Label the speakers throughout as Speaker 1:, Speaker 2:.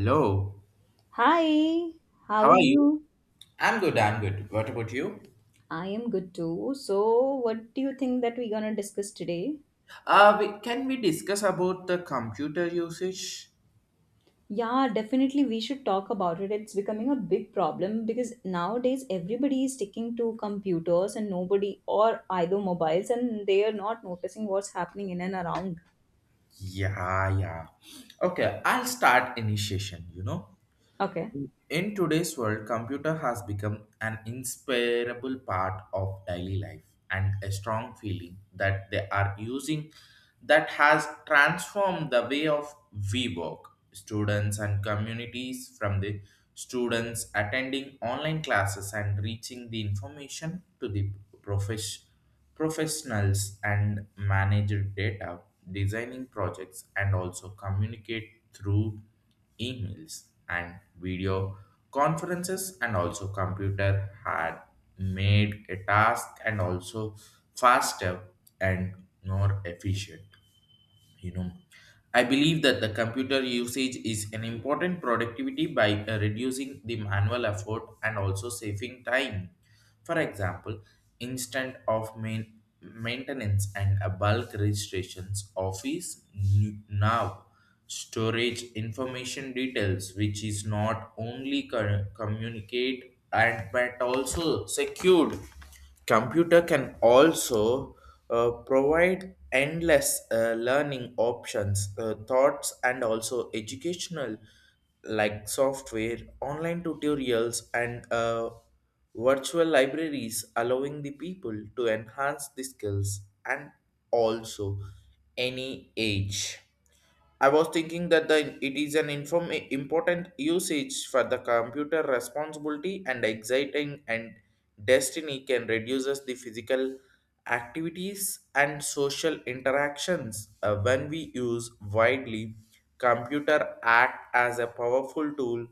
Speaker 1: Hello,
Speaker 2: Hi, how
Speaker 1: how
Speaker 2: are
Speaker 1: are you?
Speaker 2: you?
Speaker 1: I'm good, I'm good. What about you?
Speaker 2: I am good too. So, what do you think that we're gonna discuss today?
Speaker 1: We, can we discuss about the computer usage?
Speaker 2: Yeah, definitely we should talk about it. It's becoming a big problem because nowadays everybody is sticking to computers and nobody or either mobiles and they are not noticing what's happening in and around.
Speaker 1: Yeah, yeah. Okay, I'll start initiation, you know.
Speaker 2: Okay.
Speaker 1: In today's world, computer has become an inseparable part of daily life and a strong feeling that they are using that has transformed the way of we work, students and communities from the students attending online classes and reaching the information to the profesh- professionals and manage data, designing projects and also communicate through emails and video conferences and also computer had made a task and also faster and more efficient, you know. I believe that the computer usage is an important productivity by reducing the manual effort and also saving time. For example, instant of main maintenance and a bulk registrations office now storage information details which is not only communicate and but also secured. Computer can also provide endless learning options, thoughts, and also educational like software, online tutorials, and virtual libraries, allowing the people to enhance the skills and also any age. I was thinking that the, it is an inform, important usage for the computer responsibility and exciting and destiny can reduces the physical activities and social interactions. When we use widely computer act as a powerful tool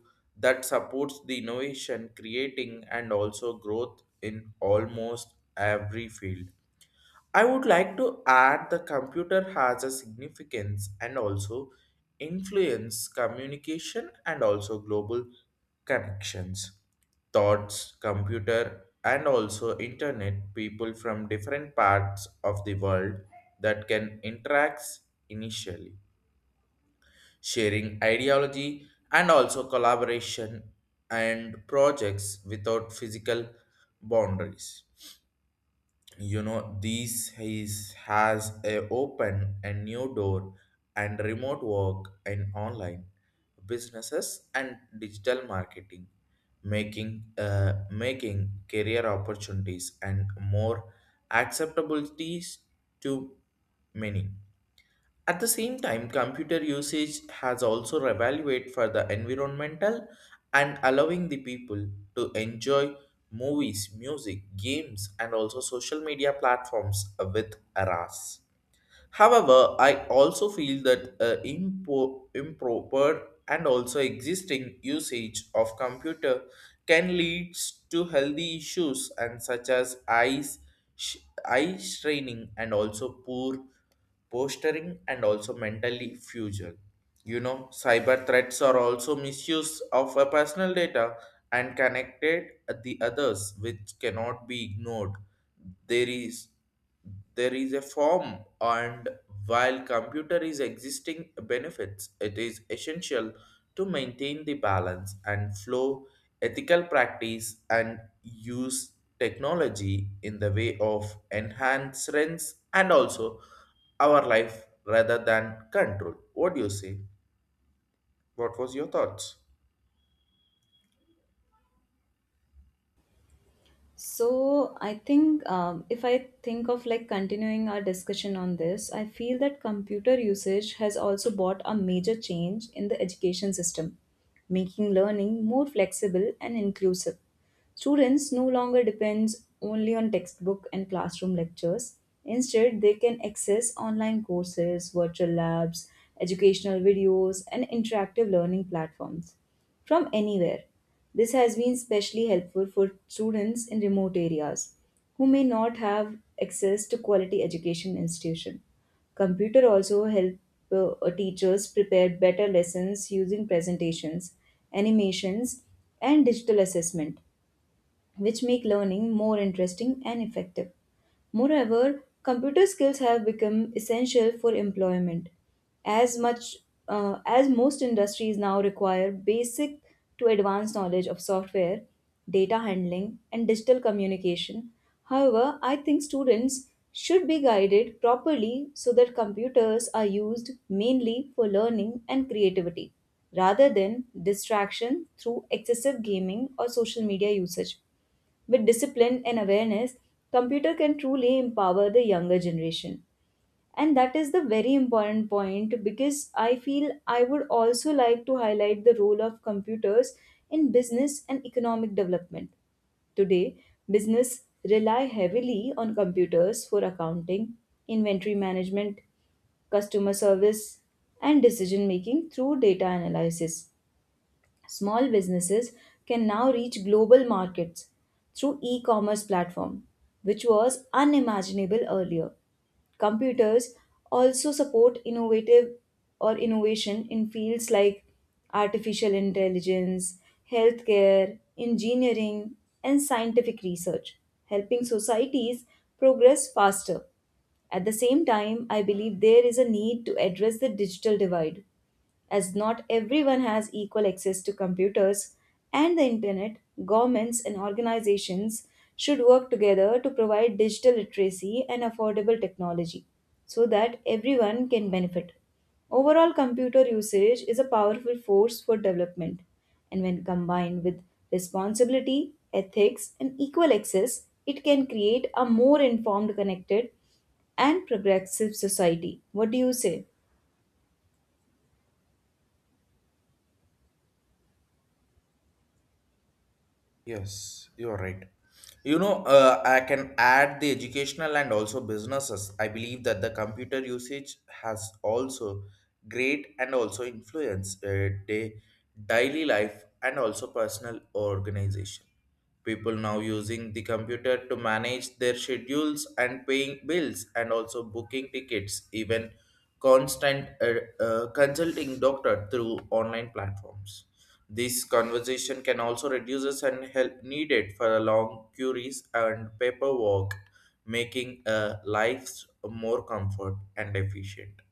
Speaker 1: that supports the innovation creating and also growth in almost every field. I would like to add the computer has a significance and also influence communication and also global connections. Thoughts, computer, and also internet people from different parts of the world that can interact initially, sharing ideology and also collaboration and projects without physical boundaries. You know, these is has a open a new door and remote work and online businesses and digital marketing, making making career opportunities and more acceptabilities to many. At the same time, computer usage has also revalued for the environmental and allowing the people to enjoy movies, music, games, and also social media platforms with RAS. However, I also feel that improper and also existing usage of computer can lead to healthy issues and such as eyes, sh- eye straining and also poor posturing and also mentally fusion. You know, cyber threats are also misuse of a personal data and connected at the others, which cannot be ignored. There is there is a form, and while computer is existing benefits it is essential to maintain the balance and flow ethical practice and use technology in the way of enhancements and also our life rather than control. What do you say? What was your thoughts?
Speaker 2: So I think if I think of like continuing our discussion on this, I feel that computer usage has also brought a major change in the education system, making learning more flexible and inclusive. Students no longer depends only on textbook and classroom lectures. Instead, they can access online courses, virtual labs, educational videos, and interactive learning platforms from anywhere. This has been especially helpful for students in remote areas who may not have access to quality education institution. Computer also help teachers prepare better lessons using presentations, animations and digital assessment which make learning more interesting and effective. Moreover, computer skills have become essential for employment, as much as most industries now require basic to advanced knowledge of software, data handling, and digital communication. However, I think students should be guided properly so that computers are used mainly for learning and creativity rather than distraction through excessive gaming or social media usage. With discipline and awareness, computer can truly empower the younger generation. And that is the very important point because I feel I would also like to highlight the role of computers in business and economic development. Today, business rely heavily on computers for accounting, inventory management, customer service, and decision making through data analysis. Small businesses can now reach global markets through e-commerce platform, which was unimaginable earlier. Computers also support innovative or innovation in fields like artificial intelligence, healthcare, engineering, and scientific research, helping societies progress faster. At the same time, I believe there is a need to address the digital divide as not everyone has equal access to computers and the internet, governments and organizations should work together to provide digital literacy and affordable technology so that everyone can benefit. Overall, computer usage is a powerful force for development, and when combined with responsibility, ethics, and equal access, it can create a more informed, connected, and progressive society. What do you say?
Speaker 1: Yes, you're right. You know, I can add the educational and also businesses. I believe that the computer usage has also great and also influence daily life and also personal organization. People now using the computer to manage their schedules and paying bills and also booking tickets, even constant consulting doctor through online platforms. This conversation can also reduces and help needed for a long queries and paperwork, making lives more comfort and efficient.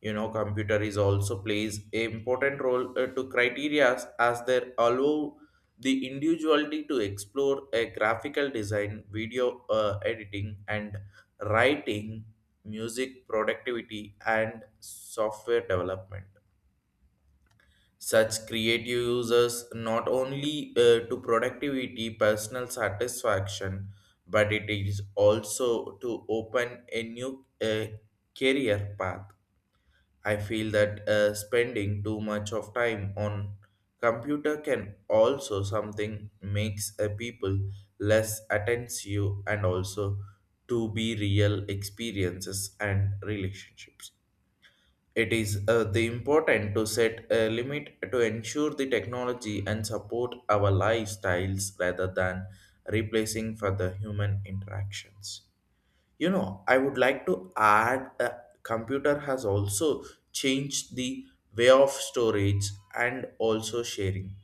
Speaker 1: You know, computer is also plays a important role to criteria as they allow the individuality to explore a graphical design video editing and writing music productivity and software development. Such creative users not only to productivity personal satisfaction, but it is also to open a new career path. I feel that spending too much of time on computer can also something makes a people less attentive and also to be real experiences and relationships. It is the important to set a limit to ensure the technology and support our lifestyles rather than replacing for the human interactions. You know, I would like to add a computer has also changed the way of storage and also sharing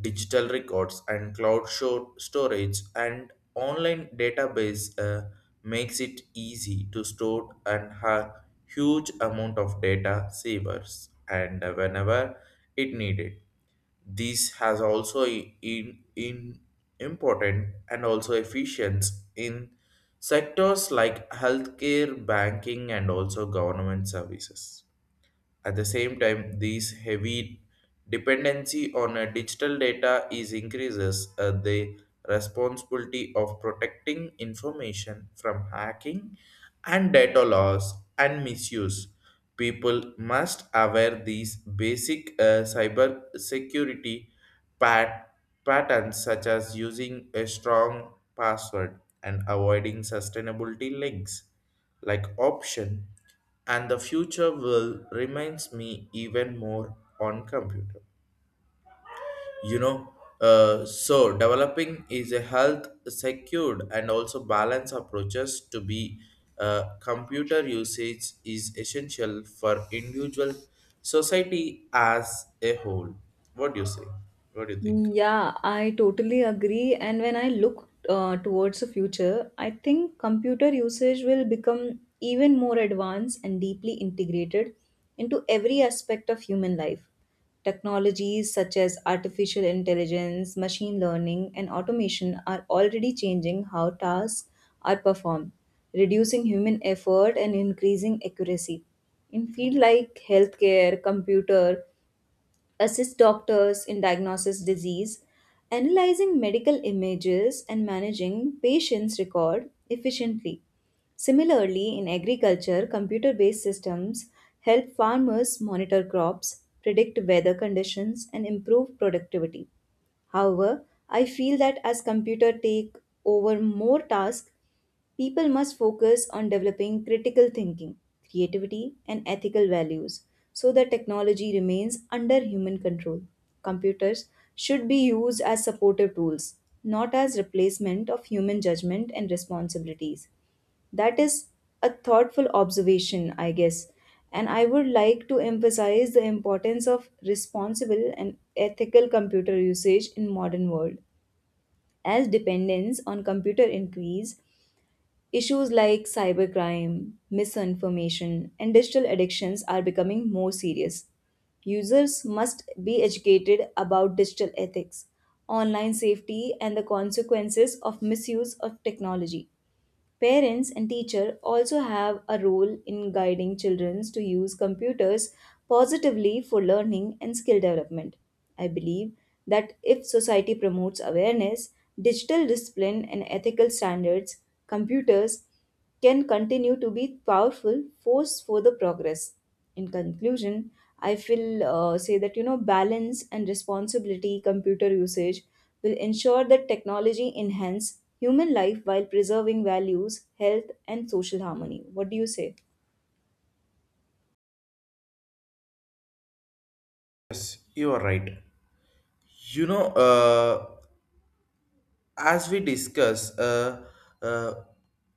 Speaker 1: digital records and cloud show storage and online database. Makes it easy to store and have huge amount of data savers and whenever it needed. This has also in important and also efficient in sectors like healthcare, banking, and also government services. At the same time, these heavy dependency on digital data is increases the responsibility of protecting information from hacking and data loss and misuse. People must aware these basic cyber security pat- patterns such as using a strong password and avoiding sustainability links like option. And the future will reminds me even more on computer, you know. So developing is a health secured and also balance approaches to be computer usage is essential for individual society as a whole. What do you say? What do you think?
Speaker 2: Yeah, I totally agree. And when I look towards the future, I think computer usage will become even more advanced and deeply integrated into every aspect of human life. Technologies such as artificial intelligence, machine learning, and automation are already changing how tasks are performed, reducing human effort and increasing accuracy. In fields like healthcare, computer, assist doctors in diagnosis disease, analyzing medical images and managing patients' record efficiently. Similarly, in agriculture, computer-based systems help farmers monitor crops, predict weather conditions, and improve productivity. However, I feel that as computer take over more tasks, people must focus on developing critical thinking, creativity, and ethical values so that technology remains under human control. Computers should be used as supportive tools, not as replacement of human judgment and responsibilities. That is a thoughtful observation, I guess. And I would like to emphasize the importance of responsible and ethical computer usage in modern world. As dependence on computer increase, issues like cybercrime, misinformation, and digital addictions are becoming more serious. Users must be educated about digital ethics, online safety, and the consequences of misuse of technology. Parents and teacher also have a role in guiding children to use computers positively for learning and skill development. I believe that if society promotes awareness, digital discipline and ethical standards, computers can continue to be powerful force for the progress. In conclusion, I feel say that you know balance and responsibility computer usage will ensure that technology enhance human life while preserving values, health, and social harmony. What do you say?
Speaker 1: Yes, you are right. You know, as we discuss, uh,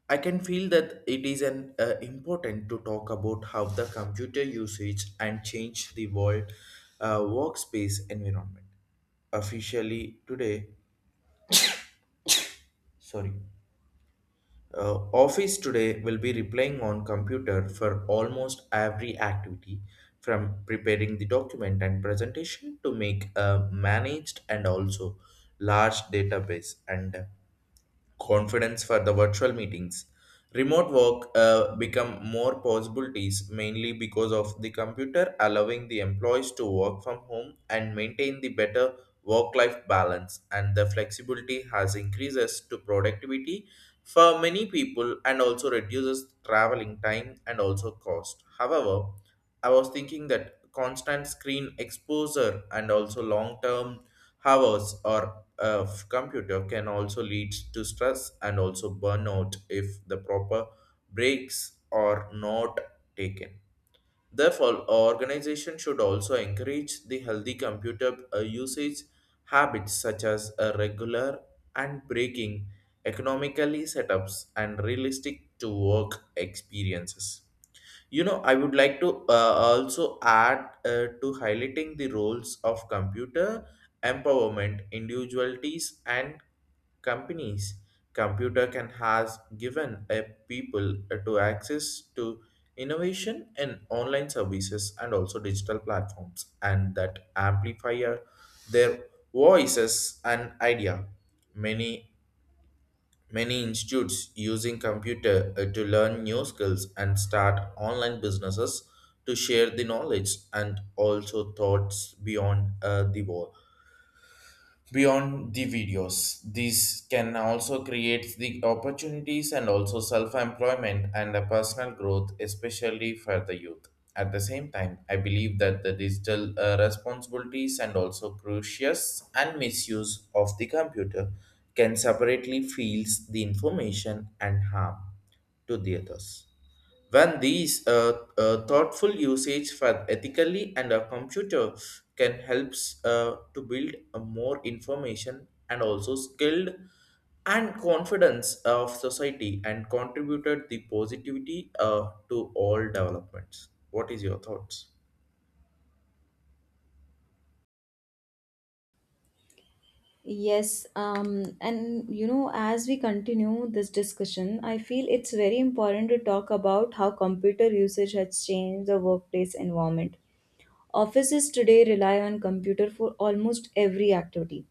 Speaker 1: I can feel that it is an important to talk about how the computer usage and change the world workspace environment. Officially today, sorry, office today will be replying on computer for almost every activity, from preparing the document and presentation to make a managed and also large database and confidence for the virtual meetings. Remote work become more possibilities mainly because of the computer allowing the employees to work from home and maintain the better work-life balance, and the flexibility has increases to productivity for many people and also reduces traveling time and also cost. However, I was thinking that constant screen exposure and also long term hours or of computer can also lead to stress and also burnout if the proper breaks are not taken. Therefore, organization should also encourage the healthy computer usage habits such as a regular and breaking economically setups and realistic to work experiences. You know, I would like to also add to highlighting the roles of computer empowerment, individualities, and companies. Computer can has given a people to access to innovation in online services and also digital platforms, and that amplify their voices and idea. Many Many institutes using computer to learn new skills and start online businesses to share the knowledge and also thoughts beyond the wall beyond the videos. These can also create the opportunities and also self-employment and the personal growth, especially for the youth. At the same time, I believe that the digital responsibilities and also crucious and misuse of the computer can separately feels the information and harm to the others. When these thoughtful usage for ethically and a computer can helps to build a more information and also skilled and confidence of society and contributed the positivity to all developments. What is your thoughts?
Speaker 2: Yes, and you know, as we continue this discussion, I feel it's very important to talk about how computer usage has changed the workplace environment. Offices today rely on computer for almost every activity,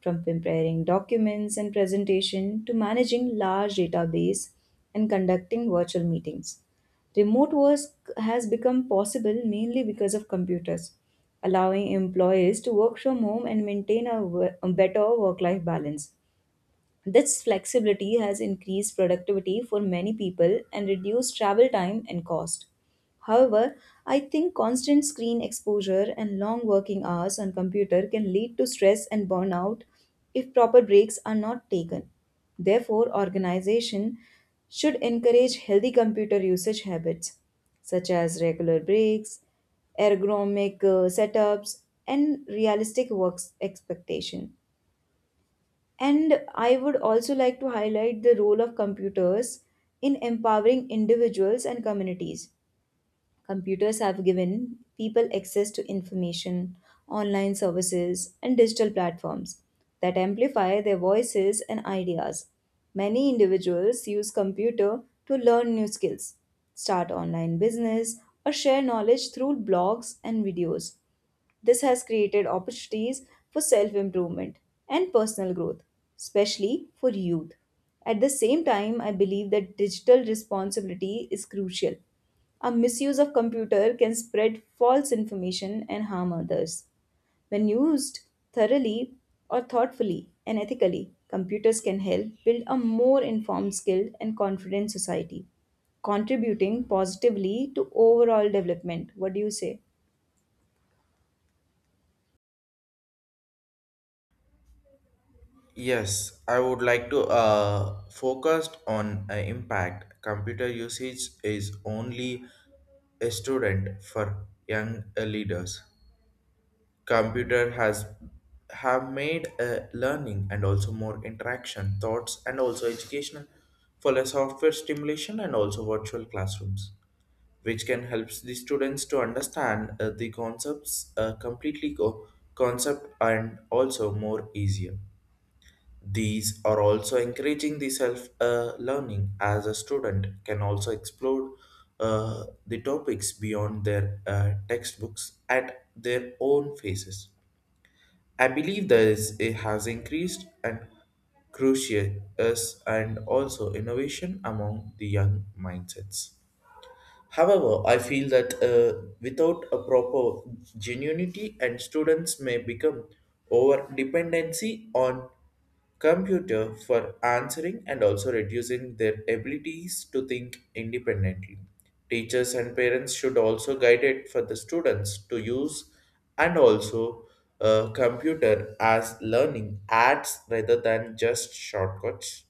Speaker 2: from preparing documents and presentation to managing large database and conducting virtual meetings. Remote work has become possible mainly because of computers, allowing employees to work from home and maintain a better work life balance. This flexibility has increased productivity for many people and reduced travel time and cost. However, I think constant screen exposure and long working hours on computer can lead to stress and burnout if proper breaks are not taken. Therefore, organization should encourage healthy computer usage habits such as regular breaks, ergonomic setups and realistic work expectation. And I would also like to highlight the role of computers in empowering individuals and communities. Computers have given people access to information, online services, and digital platforms that amplify their voices and ideas. Many individuals use computer to learn new skills, start online business, or share knowledge through blogs and videos. This has created opportunities for self improvement and personal growth, especially for youth. At the same time, I believe that digital responsibility is crucial. A misuse of computer can spread false information and harm others. When used thoroughly or thoughtfully and ethically, computers can help build a more informed, skilled, and confident society, contributing positively to overall development. What do you say?
Speaker 1: Yes, I would like to focus on impact. Computer usage is only a student for young leaders. Computer has have made learning and also more interaction thoughts and also educational for a software stimulation and also virtual classrooms which can help the students to understand the concepts concept and also more easier. These are also encouraging the self learning as a student can also explore the topics beyond their textbooks at their own phases. I believe there is it has increased and crucius and also innovation among the young mindsets. However, I feel that without a proper genuinity and students may become over dependency on computer for answering and also reducing their abilities to think independently. Teachers and parents should also guide it for the students to use and also computer as learning adds rather than just shortcuts.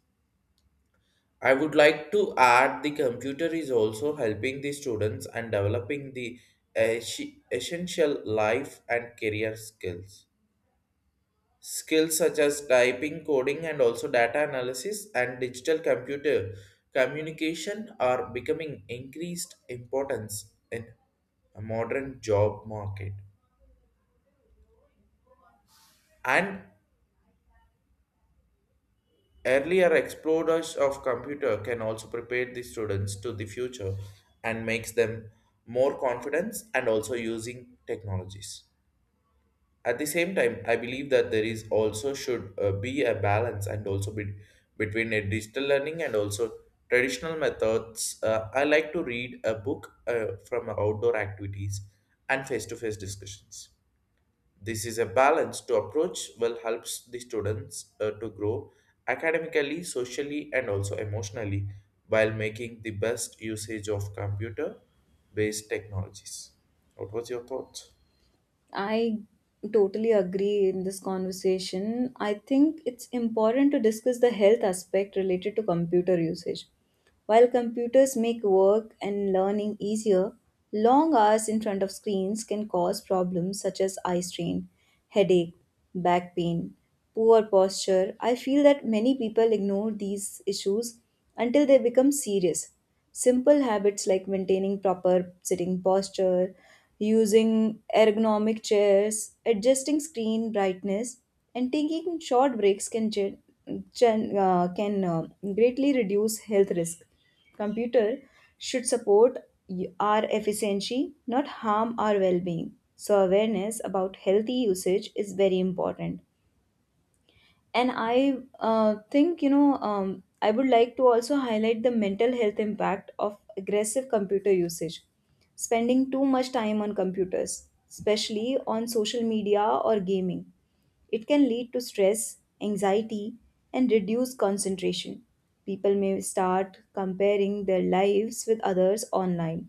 Speaker 1: I would like to add the computer is also helping the students and developing the es- essential life and career skills. Skills such as typing, coding, and also data analysis and digital computer communication are becoming increased importance in a modern job market. And earlier explorers of computer can also prepare the students to the future and makes them more confident and also using technologies. At the same time, I believe that there is also should be a balance and also be, between a digital learning and also traditional methods. I like to read a book from outdoor activities and face-to-face discussions. This is a balanced approach will helps the students to grow academically, socially, and also emotionally while making the best usage of computer based technologies. What was your thought?
Speaker 2: I totally agree in this conversation. I think it's important to discuss the health aspect related to computer usage. While computers make work and learning easier, long hours in front of screens can cause problems such as eye strain, headache, back pain, poor posture. I feel that many people ignore these issues until they become serious. Simple habits like maintaining proper sitting posture, using ergonomic chairs, adjusting screen brightness, and taking short breaks can greatly reduce health risk. Computer should support our efficiency, not harm our well being. So, awareness about healthy usage is very important. And I think I would like to also highlight the mental health impact of aggressive computer usage. Spending too much time on computers, especially on social media or gaming, it can lead to stress, anxiety and reduced concentration. People may start comparing their lives with others online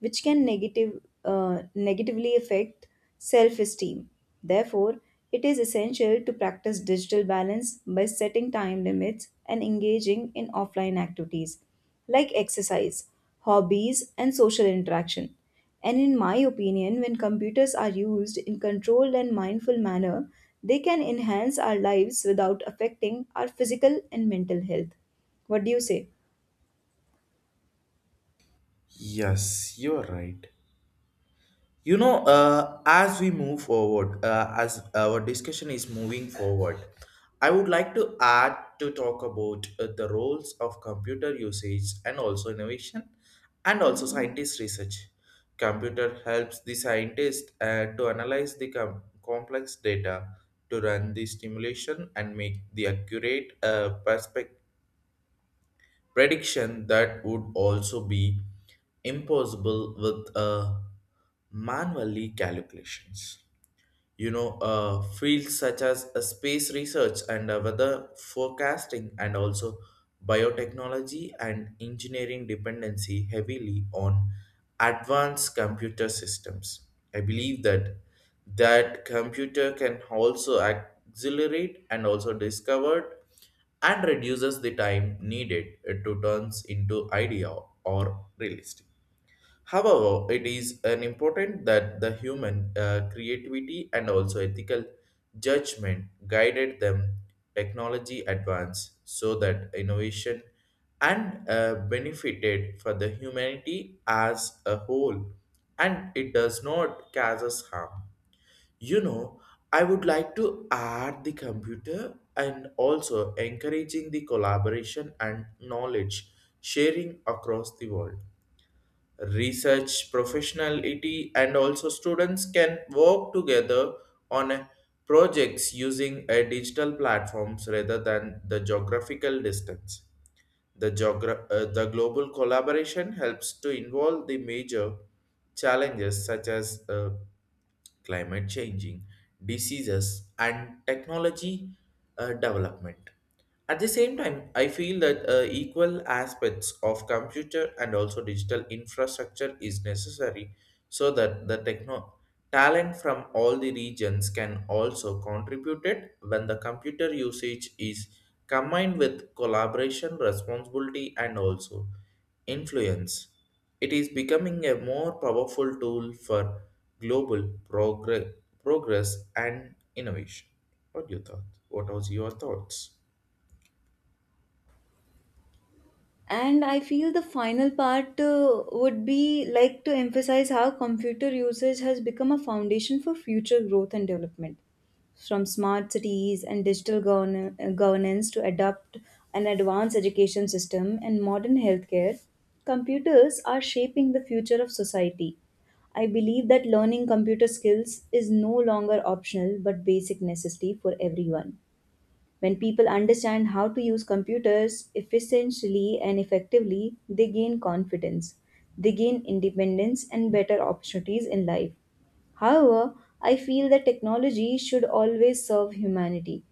Speaker 2: which can negatively affect self esteem. Therefore, it is essential to practice digital balance by setting time limits and engaging in offline activities like exercise, hobbies, and social interaction. And in my opinion, when computers are used in controlled and mindful manner, they can enhance our lives without affecting our physical and mental health. What do you say?
Speaker 1: Yes, you are right. You know, as we move forward, as our discussion is moving forward, I would like to add to talk about the roles of computer usage and also innovation and also scientist research. Computer helps the scientist to analyze the complex data to run the simulation and make the accurate perspective prediction that would also be impossible with a manually calculations fields such as space research and weather forecasting and also biotechnology and engineering dependency heavily on advanced computer systems. I believe that computer can also accelerate and also discovered and reduces the time needed to turns into idea or realistic. However, it is an important that the human creativity and also ethical judgment guided them technology advance so that innovation and benefited for the humanity as a whole and it does not cause us harm. You know, I would like to add the computer and also encouraging the collaboration and knowledge sharing across the world research professionality and also students can work together on a projects using a digital platforms rather than the geographical distance, the the global collaboration helps to involve the major challenges such as climate changing diseases and technology development. At the same time, I feel that equal aspects of computer and also digital infrastructure is necessary so that the techno talent from all the regions can also contribute it when the computer usage is combined with collaboration, responsibility, and also influence. It is becoming a more powerful tool for global progress, progress and innovation. What do you thought? What was your thoughts?
Speaker 2: And I feel the final part would be like to emphasize how computer usage has become a foundation for future growth and development, from smart cities and governance to adopt an advanced education system and modern healthcare. Computers are shaping the future of society. I believe that learning computer skills is no longer optional but basic necessity for everyone. When people understand how to use computers efficiently and effectively, they gain confidence, they gain independence, and better opportunities in life. However, I feel that technology should always serve humanity,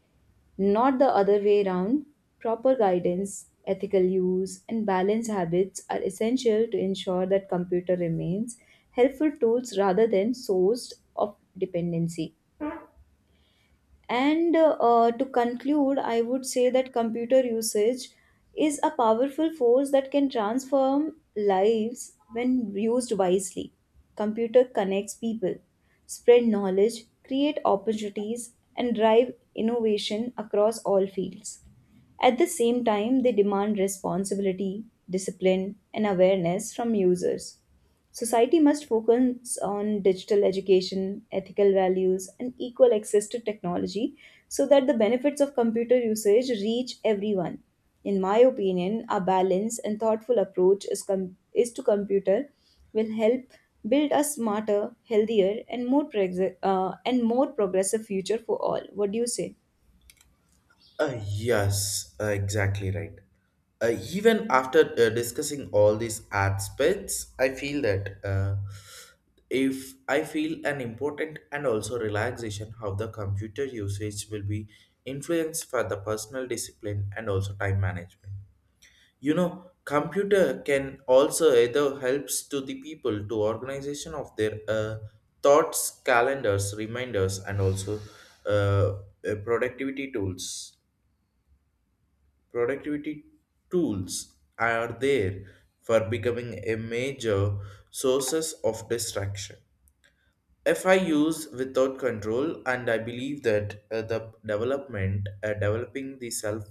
Speaker 2: not the other way around. Proper guidance, ethical use, and balanced habits are essential to ensure that computer remains helpful tools rather than source of dependency. And to conclude, I would say that computer usage is a powerful force that can transform lives when used wisely. Computer connects people, spread knowledge, create opportunities, and drive innovation across all fields. At the same time, they demand responsibility, discipline, and awareness from users. Society must focus on digital education, ethical values, and equal access to technology so that the benefits of computer usage reach everyone. In my opinion, a balanced and thoughtful approach is to computer will help build a smarter, healthier, and and more progressive future for all. What do you say?
Speaker 1: Yes, exactly right. Even after discussing all these aspects, I feel that if I feel an important and also relaxation how the computer usage will be influenced for the personal discipline and also time management. You know, computer can also either helps to the people to organization of their thoughts, calendars, reminders, and also uh, productivity tools, productivity tools are there for becoming a major sources of distraction if I use without control. And I believe that the development developing the self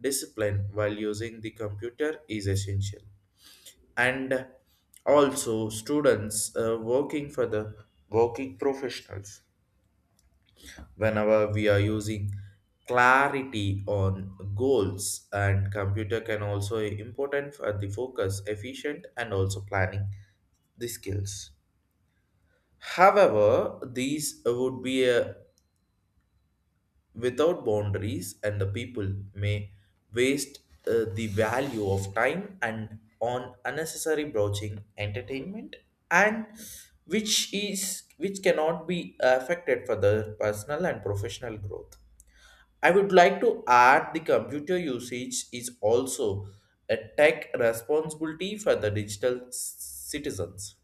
Speaker 1: discipline while using the computer is essential. And also students working for the working professionals, whenever we are using clarity on goals and computer can also important for the focus efficient and also planning the skills. However, these would be without boundaries and the people may waste the value of time and on unnecessary broaching entertainment and which is which cannot be affected for the personal and professional growth. I would like to add the computer usage is also a tech responsibility for the digital citizens.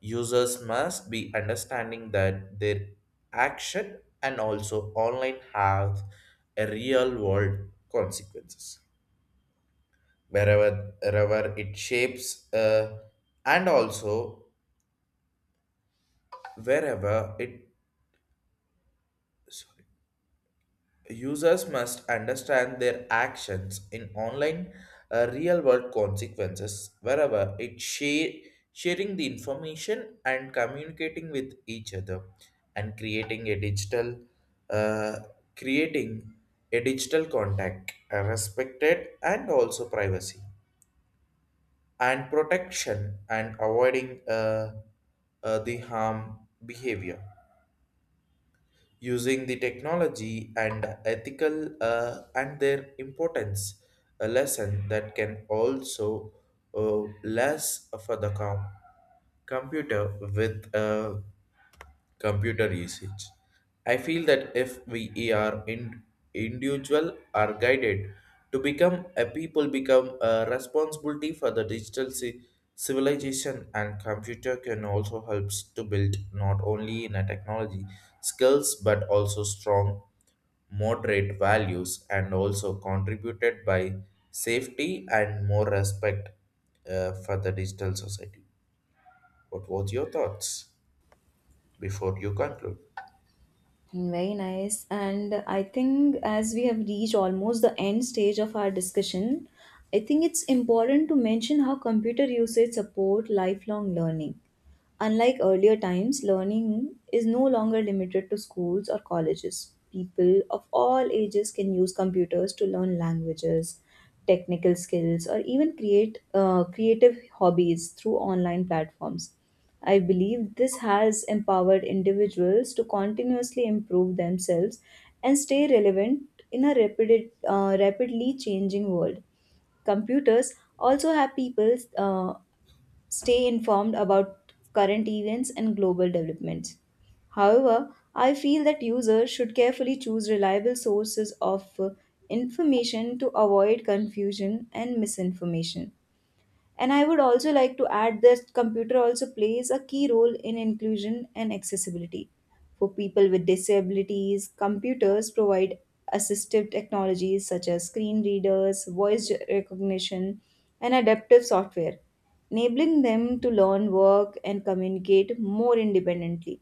Speaker 1: Users must be understanding that their action and also online have a real world consequences wherever it shapes and also wherever it sorry. Users must understand their actions in online real world consequences wherever it share, sharing the information and communicating with each other and creating a digital uh, creating a digital contact respected and also privacy and protection and avoiding the harm behavior using the technology and ethical and their importance a lesson that can also less for the com- computer with computer usage. I feel that if we are in, individual are guided to become a people become a responsibility for the digital civilization and computer can also helps to build not only in a technology skills but also strong moderate values and also contributed by safety and more respect for the digital society. What was your thoughts before you conclude?
Speaker 2: Very nice. And I think as we have reached almost the end stage of our discussion, I think it's important to mention how computer usage support lifelong learning. Unlike earlier times, learning is no longer limited to schools or colleges. People of all ages can use computers to learn languages, technical skills, or even create creative hobbies through online platforms. I believe this has empowered individuals to continuously improve themselves and stay relevant in a rapidly changing world. Computers also have people stay informed about current events and global developments. However, I feel that users should carefully choose reliable sources of information to avoid confusion and misinformation. And I would also like to add that computer also plays a key role in inclusion and accessibility. For people with disabilities, computers provide assistive technologies such as screen readers, voice recognition, and adaptive software enabling them to learn, work, and communicate more independently.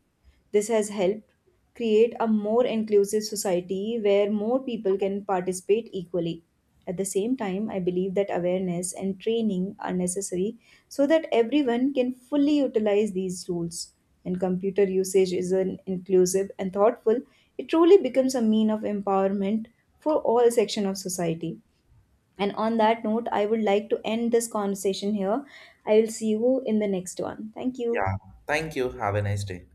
Speaker 2: This has helped create a more inclusive society where more people can participate equally. At the same time, I believe that awareness and training are necessary so that everyone can fully utilize these tools. When computer usage is an inclusive and thoughtful, it truly becomes a mean of empowerment for all section of society. And on that note, I would like to end this conversation here. I will see you in the next one. Thank you.
Speaker 1: Yeah. Thank you. Have a nice day.